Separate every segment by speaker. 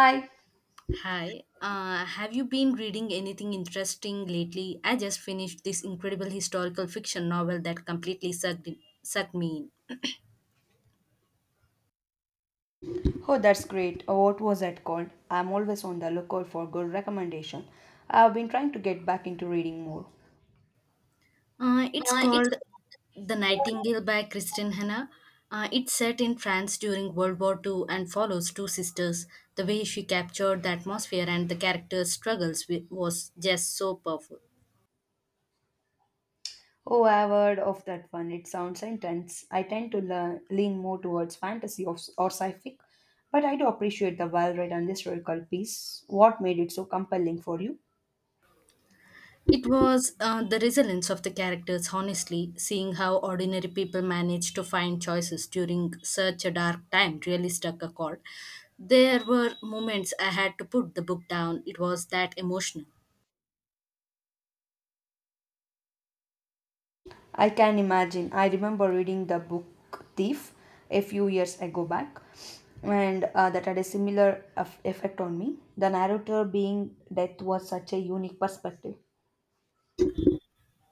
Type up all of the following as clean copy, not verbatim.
Speaker 1: Hi.
Speaker 2: Hi, have you been reading anything interesting lately? I just finished this incredible historical fiction novel that completely sucked me
Speaker 1: Oh, that's great. What was that called? I'm always on the lookout for good recommendation. I've been trying to get back into reading more.
Speaker 2: in. It's called The Nightingale by Kristen Hanna. It's set in France during World War Two and follows two sisters. The way she captured the atmosphere and the characters' was just so powerful.
Speaker 1: Oh, I've heard of that one. It sounds intense. I tend to lean more towards fantasy or sci-fi, but I do appreciate the well-read and historical piece. What made it so compelling for you?
Speaker 2: It was the resilience of the characters, honestly, seeing how ordinary people managed to find choices during such a dark time really struck a chord. There were moments I had to put the book down, it was that emotional.
Speaker 1: I can imagine. I remember reading the book Thief a few years ago back, and that had a similar effect on me. The narrator being death was such a unique perspective.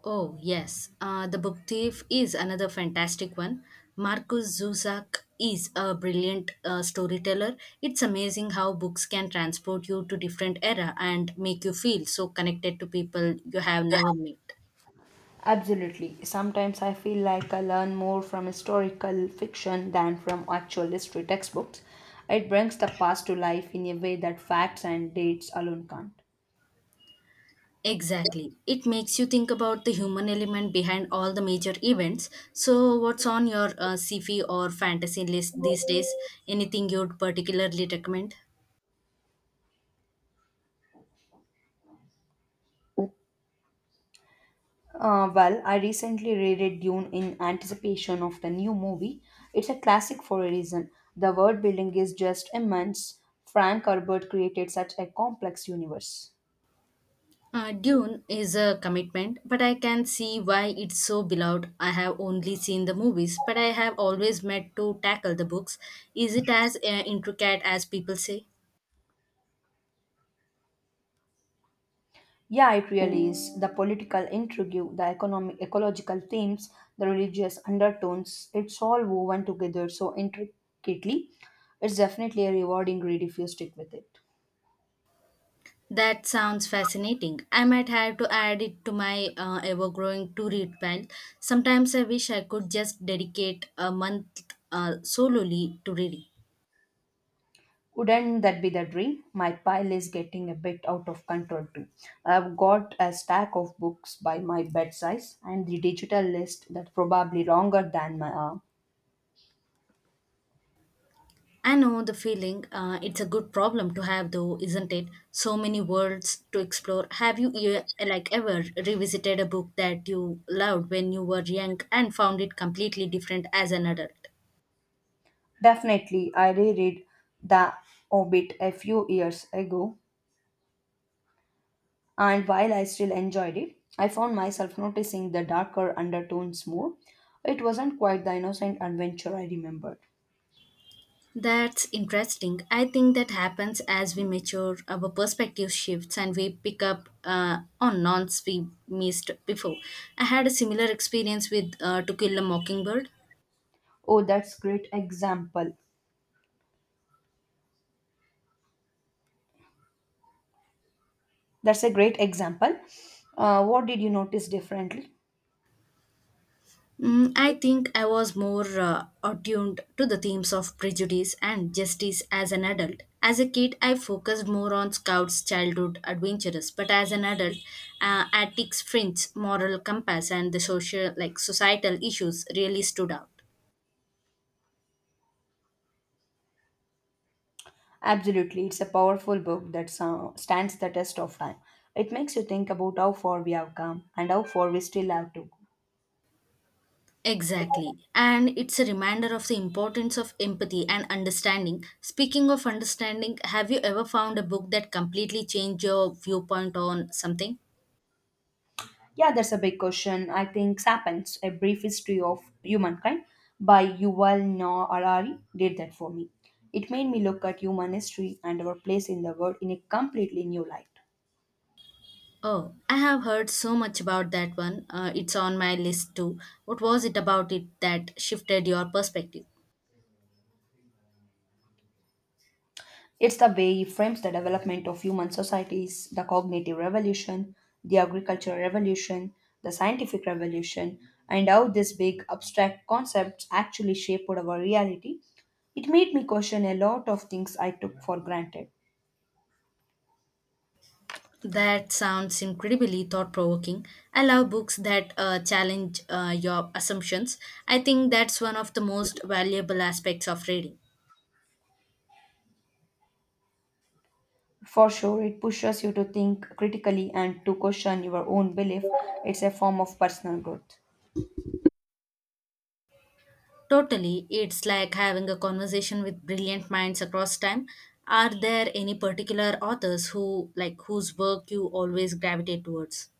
Speaker 2: Oh, yes, The Book Thief is another fantastic one. Marcus Zuzak is a brilliant storyteller. It's amazing how books can transport you to different era and make you feel so connected to people you have never met.
Speaker 1: Absolutely. Sometimes I feel like I learn more from historical fiction than from actual history textbooks. It brings the past to life in a way that facts and dates alone can't.
Speaker 2: Exactly. It makes you think about the human element behind all the major events. So, what's on your sci-fi or fantasy list these days? Anything you'd particularly recommend?
Speaker 1: Well, I recently reread Dune in anticipation of the new movie. It's a classic for a reason. The world building is just immense. Frank Herbert created such a complex universe.
Speaker 2: Dune is a commitment, but I can see why it's so beloved. I have only seen the movies, but I have always meant to tackle the books. Is it as intricate as people say?
Speaker 1: Yeah, it really is. The political intrigue, the economic, ecological themes, the religious undertones, it's all woven together so intricately. It's definitely a rewarding read if you stick with it.
Speaker 2: That sounds fascinating. I might have to add it to my ever growing to read pile. Sometimes I wish I could just dedicate a month solely to reading.
Speaker 1: Wouldn't that be the dream? My pile is getting a bit out of control too. I've got a stack of books by my bed size and the digital list that's probably longer than my arm.
Speaker 2: I know the feeling. It's a good problem to have, though, isn't it? So many worlds to explore. Have you like ever revisited a book that you loved when you were young and found it completely different as an adult?
Speaker 1: Definitely, I reread The Hobbit a few years ago, and while I still enjoyed it, I found myself noticing the darker undertones more. It wasn't quite the innocent adventure I remembered.
Speaker 2: That's interesting. I think that happens as we mature, our perspective shifts, and we pick up on nonce we missed before. I had a similar experience with To Kill a Mockingbird.
Speaker 1: Oh, that's great example. That's a great example. What did you notice differently?
Speaker 2: Mm, I think I was more attuned to the themes of prejudice and justice as an adult. As a kid, I focused more on Scout's childhood adventures, but as an adult, Attic's fringe moral compass and the social, like societal issues really stood out.
Speaker 1: Absolutely, it's a powerful book that stands the test of time. It makes you think about how far we have come and how far we still have to go.
Speaker 2: Exactly. And it's a reminder of the importance of empathy and understanding. Speaking of understanding, have you ever found a book that completely changed your viewpoint on something?
Speaker 1: Yeah, that's a big question. I think Sapiens, A Brief History of Humankind by Yuval Noah Harari did that for me. It made me look at human history and our place in the world in a completely new light.
Speaker 2: Oh, I have heard so much about that one. It's on my list too. What was it about it that shifted your perspective?
Speaker 1: It's the way he frames the development of human societies, the cognitive revolution, the agricultural revolution, the scientific revolution, and how these big abstract concepts actually shaped our reality. It made me question a lot of things I took for granted.
Speaker 2: That sounds incredibly thought provoking. I love books that challenge your assumptions. I think that's one of the most valuable aspects of reading.
Speaker 1: For sure, it pushes you to think critically and to question your own belief. It's a form of personal growth.
Speaker 2: Totally. It's like having a conversation with brilliant minds across time. Are there any particular authors who like whose work you always gravitate towards?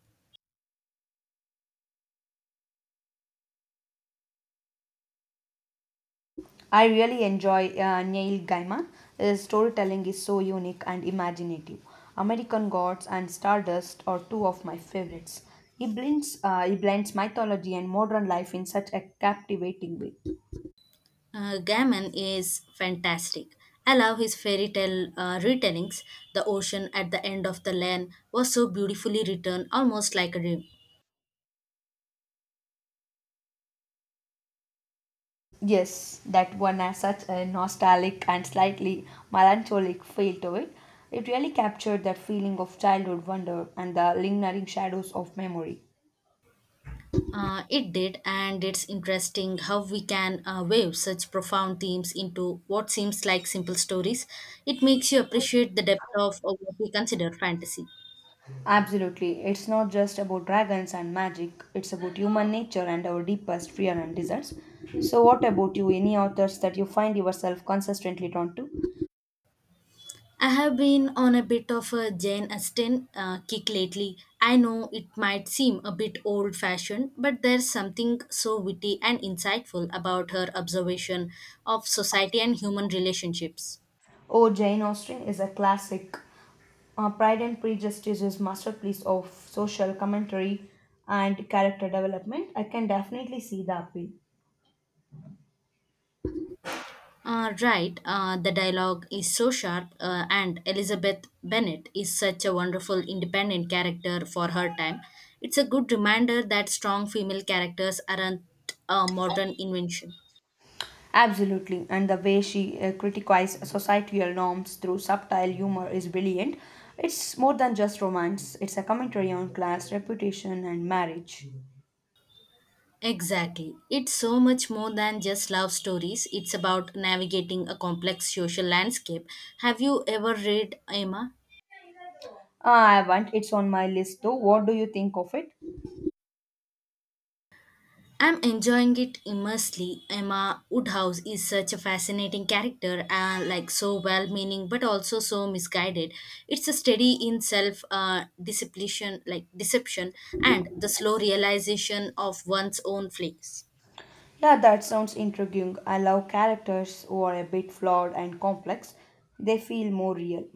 Speaker 1: I really enjoy Neil Gaiman. His storytelling is so unique and imaginative. American Gods and Stardust are two of my favorites. He blends mythology and modern life in such a captivating way.
Speaker 2: Gaiman is fantastic. I love his fairy tale retellings. The ocean at the end of the land was so beautifully written, almost like a dream.
Speaker 1: Yes, that one has such a nostalgic and slightly melancholic feel to it. It really captured that feeling of childhood wonder and the lingering shadows of memory.
Speaker 2: It did, and it's interesting how we can weave such profound themes into what seems like simple stories. It makes you appreciate the depth of what we consider fantasy.
Speaker 1: Absolutely. It's not just about dragons and magic, it's about human nature and our deepest fear and desires. So, what about you? Any authors that you find yourself consistently drawn to?
Speaker 2: I have been on a bit of a Jane Austen kick lately. I know it might seem a bit old fashioned, but there's something so witty and insightful about her observation of society and human relationships.
Speaker 1: Oh, Jane Austen is a classic. Pride and Prejudice is masterpiece of social commentary and character development. I can definitely see the appeal.
Speaker 2: Right, the dialogue is so sharp, and Elizabeth Bennet is such a wonderful independent character for her time. It's a good reminder that strong female characters aren't a modern invention.
Speaker 1: Absolutely, and the way she criticizes societal norms through subtle humor is brilliant. It's more than just romance, it's a commentary on class, reputation, and marriage.
Speaker 2: Exactly. It's so much more than just love stories, it's about navigating a complex social landscape. Have you ever read Emma?
Speaker 1: Ah, I want it's on my list though. What do you think of it?
Speaker 2: I'm enjoying it immensely. Emma Woodhouse is such a fascinating character and like so well meaning but also so misguided. It's a study in self discipline like deception and the slow realization of one's own flaws.
Speaker 1: Yeah, that sounds intriguing. I love characters who are a bit flawed and complex, they feel more real.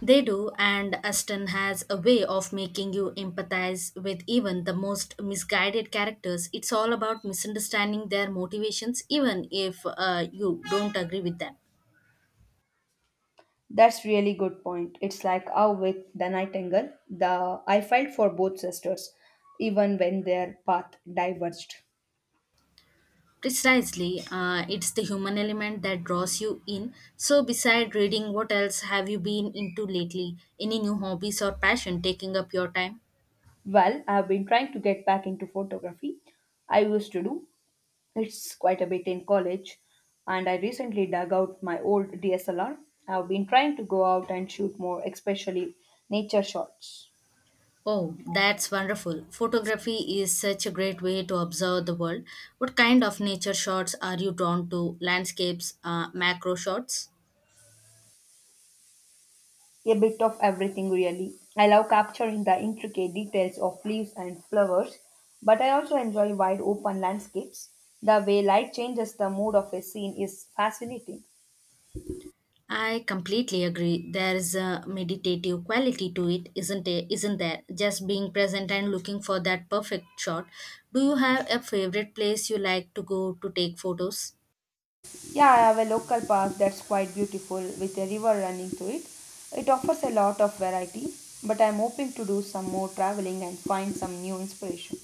Speaker 2: They do and Aston has a way of making you empathize with even the most misguided characters. It's all about misunderstanding their motivations even if you don't agree with them.
Speaker 1: That's really good point. It's like how with the Nightingale, the I felt for both sisters, even when their path diverged.
Speaker 2: Precisely, it's the human element that draws you in. So, beside reading, what else have you been into lately? Any new hobbies or passion taking up your time?
Speaker 1: Well, I've been trying to get back into photography. I used to do it's quite a bit in college, and I recently dug out my old DSLR. I've been trying to go out and shoot more, especially nature shots.
Speaker 2: Oh, that's wonderful. Photography is such a great way to observe the world. What kind of nature shots are you drawn to? Landscapes, macro shots?
Speaker 1: A bit of everything, really. I love capturing the intricate details of leaves and flowers, but I also enjoy wide open landscapes. The way light changes the mood of a scene is fascinating.
Speaker 2: I completely agree. There is a meditative quality to it? Isn't there? Just being present and looking for that perfect shot. Do you have a favorite place you like to go to take photos?
Speaker 1: Yeah, I have a local park that's quite beautiful with a river running through it. It offers a lot of variety, but I'm hoping to do some more traveling and find some new inspiration.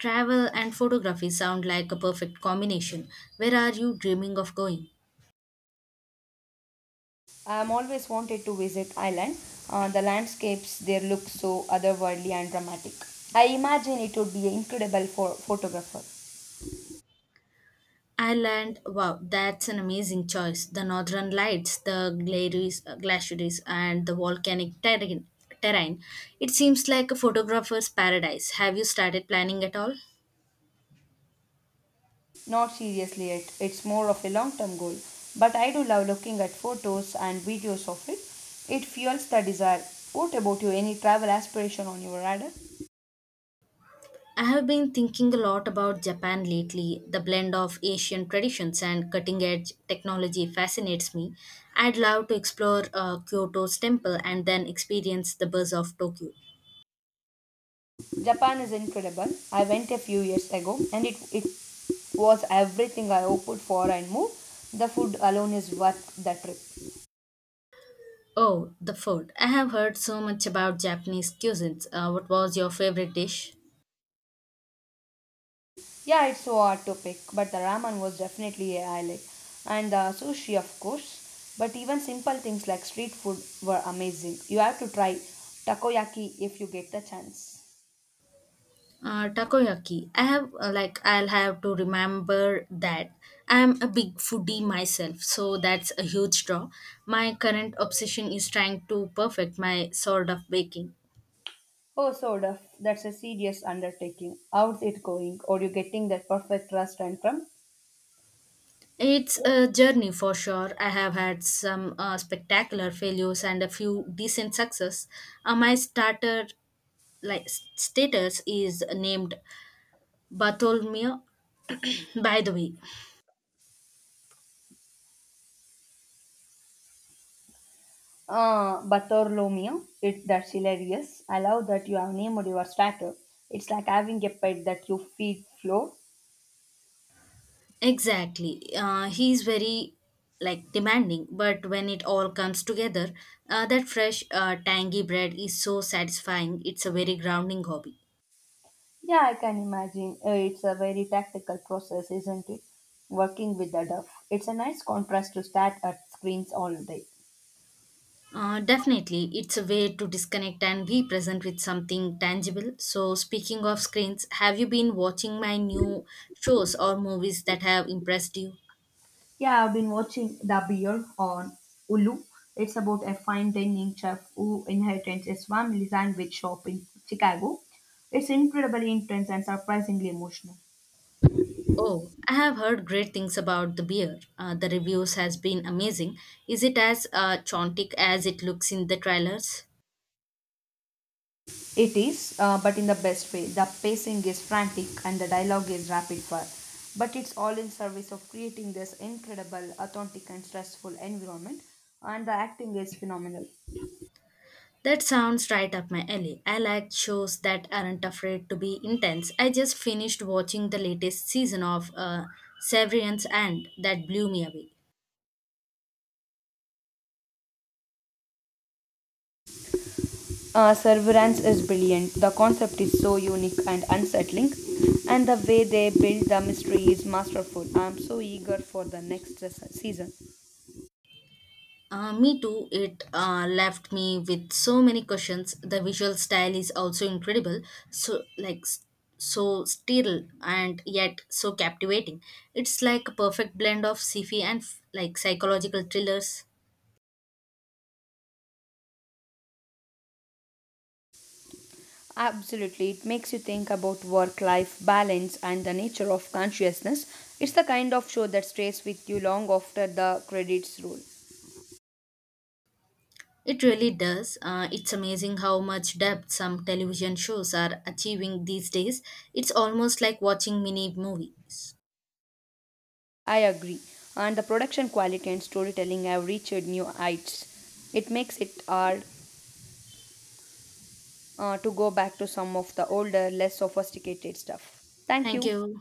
Speaker 2: Travel and photography sound like a perfect combination. Where are you dreaming of going?
Speaker 1: I'm always wanted to visit Ireland. The landscapes there look so otherworldly and dramatic. I imagine it would be incredible for photographer.
Speaker 2: Ireland, wow, that's an amazing choice. The northern lights, the glaciers and the volcanic terrain. It seems like a photographer's paradise. Have you started planning at all?
Speaker 1: Not seriously yet. It's more of a long-term goal, but I do love looking at photos and videos of it. It fuels the desire. What about you? Any travel aspiration on your radar?
Speaker 2: I have been thinking a lot about Japan lately. The blend of Asian traditions and cutting edge technology fascinates me. I'd love to explore Kyoto's temple and then experience the buzz of Tokyo.
Speaker 1: Japan is incredible. I went a few years ago and it was everything I hoped for and more. The food alone is worth the trip.
Speaker 2: Oh, the food. I have heard so much about Japanese cuisines. What was your favorite dish?
Speaker 1: Yeah, it's so hard to pick, but the ramen was definitely a highlight. And the sushi, of course. But even simple things like street food were amazing. You have to try takoyaki if you get the chance.
Speaker 2: Takoyaki. I have like I'll have to remember that. I'm a big foodie myself, so that's a huge draw. My current obsession is trying to perfect my sort of baking.
Speaker 1: Oh, Sodaf, that's a serious undertaking. How's it going? Are you getting that perfect crust and crumb?
Speaker 2: It's a journey for sure. I have had some spectacular failures and a few decent success. My starter status is named Bartholomew. By the way,
Speaker 1: Bartholomew, it, that's hilarious. I love that you have named your statue. It's like having a pet that you feed flow.
Speaker 2: exactly. He's very like demanding, but when it all comes together, that fresh, tangy bread is so satisfying. It's a very grounding hobby.
Speaker 1: Yeah, I can imagine. It's a very tactical process, isn't it? Working with the dove. It's a nice contrast to stare at screens all day.
Speaker 2: Definitely, it's a way to disconnect and be present with something tangible. So, speaking of screens, have you been watching my new shows or movies that have impressed you?
Speaker 1: Yeah, I've been watching The Bear on Hulu. It's about a fine dining chef who inherits his family's sandwich shop in Chicago. It's incredibly intense and surprisingly emotional.
Speaker 2: Oh, I have heard great things about the beer. The reviews has been amazing. Is it as chaotic as it looks in the trailers?
Speaker 1: It is, but in the best way. The pacing is frantic and the dialogue is rapid fire. But it's all in service of creating this incredible, authentic, and stressful environment. And the acting is phenomenal.
Speaker 2: That sounds right up my alley. I like shows that aren't afraid to be intense. I just finished watching the latest season of Severance and that blew me away.
Speaker 1: Severance is brilliant. The concept is so unique and unsettling. And the way they build the mystery is masterful. I'm so eager for the next season.
Speaker 2: Me too. It left me with so many questions. The visual style is also incredible. So like s- so sterile and yet so captivating. It's like a perfect blend of sci-fi and like psychological thrillers.
Speaker 1: Absolutely, it makes you think about work life balance and the nature of consciousness. It's the kind of show that stays with you long after the credits roll.
Speaker 2: It really does. It's amazing how much depth some television shows are achieving these days. It's almost like watching mini movies.
Speaker 1: I agree. And the production quality and storytelling have reached new heights. It makes it hard to go back to some of the older, less sophisticated stuff. Thank
Speaker 2: Thank
Speaker 1: you.
Speaker 2: you.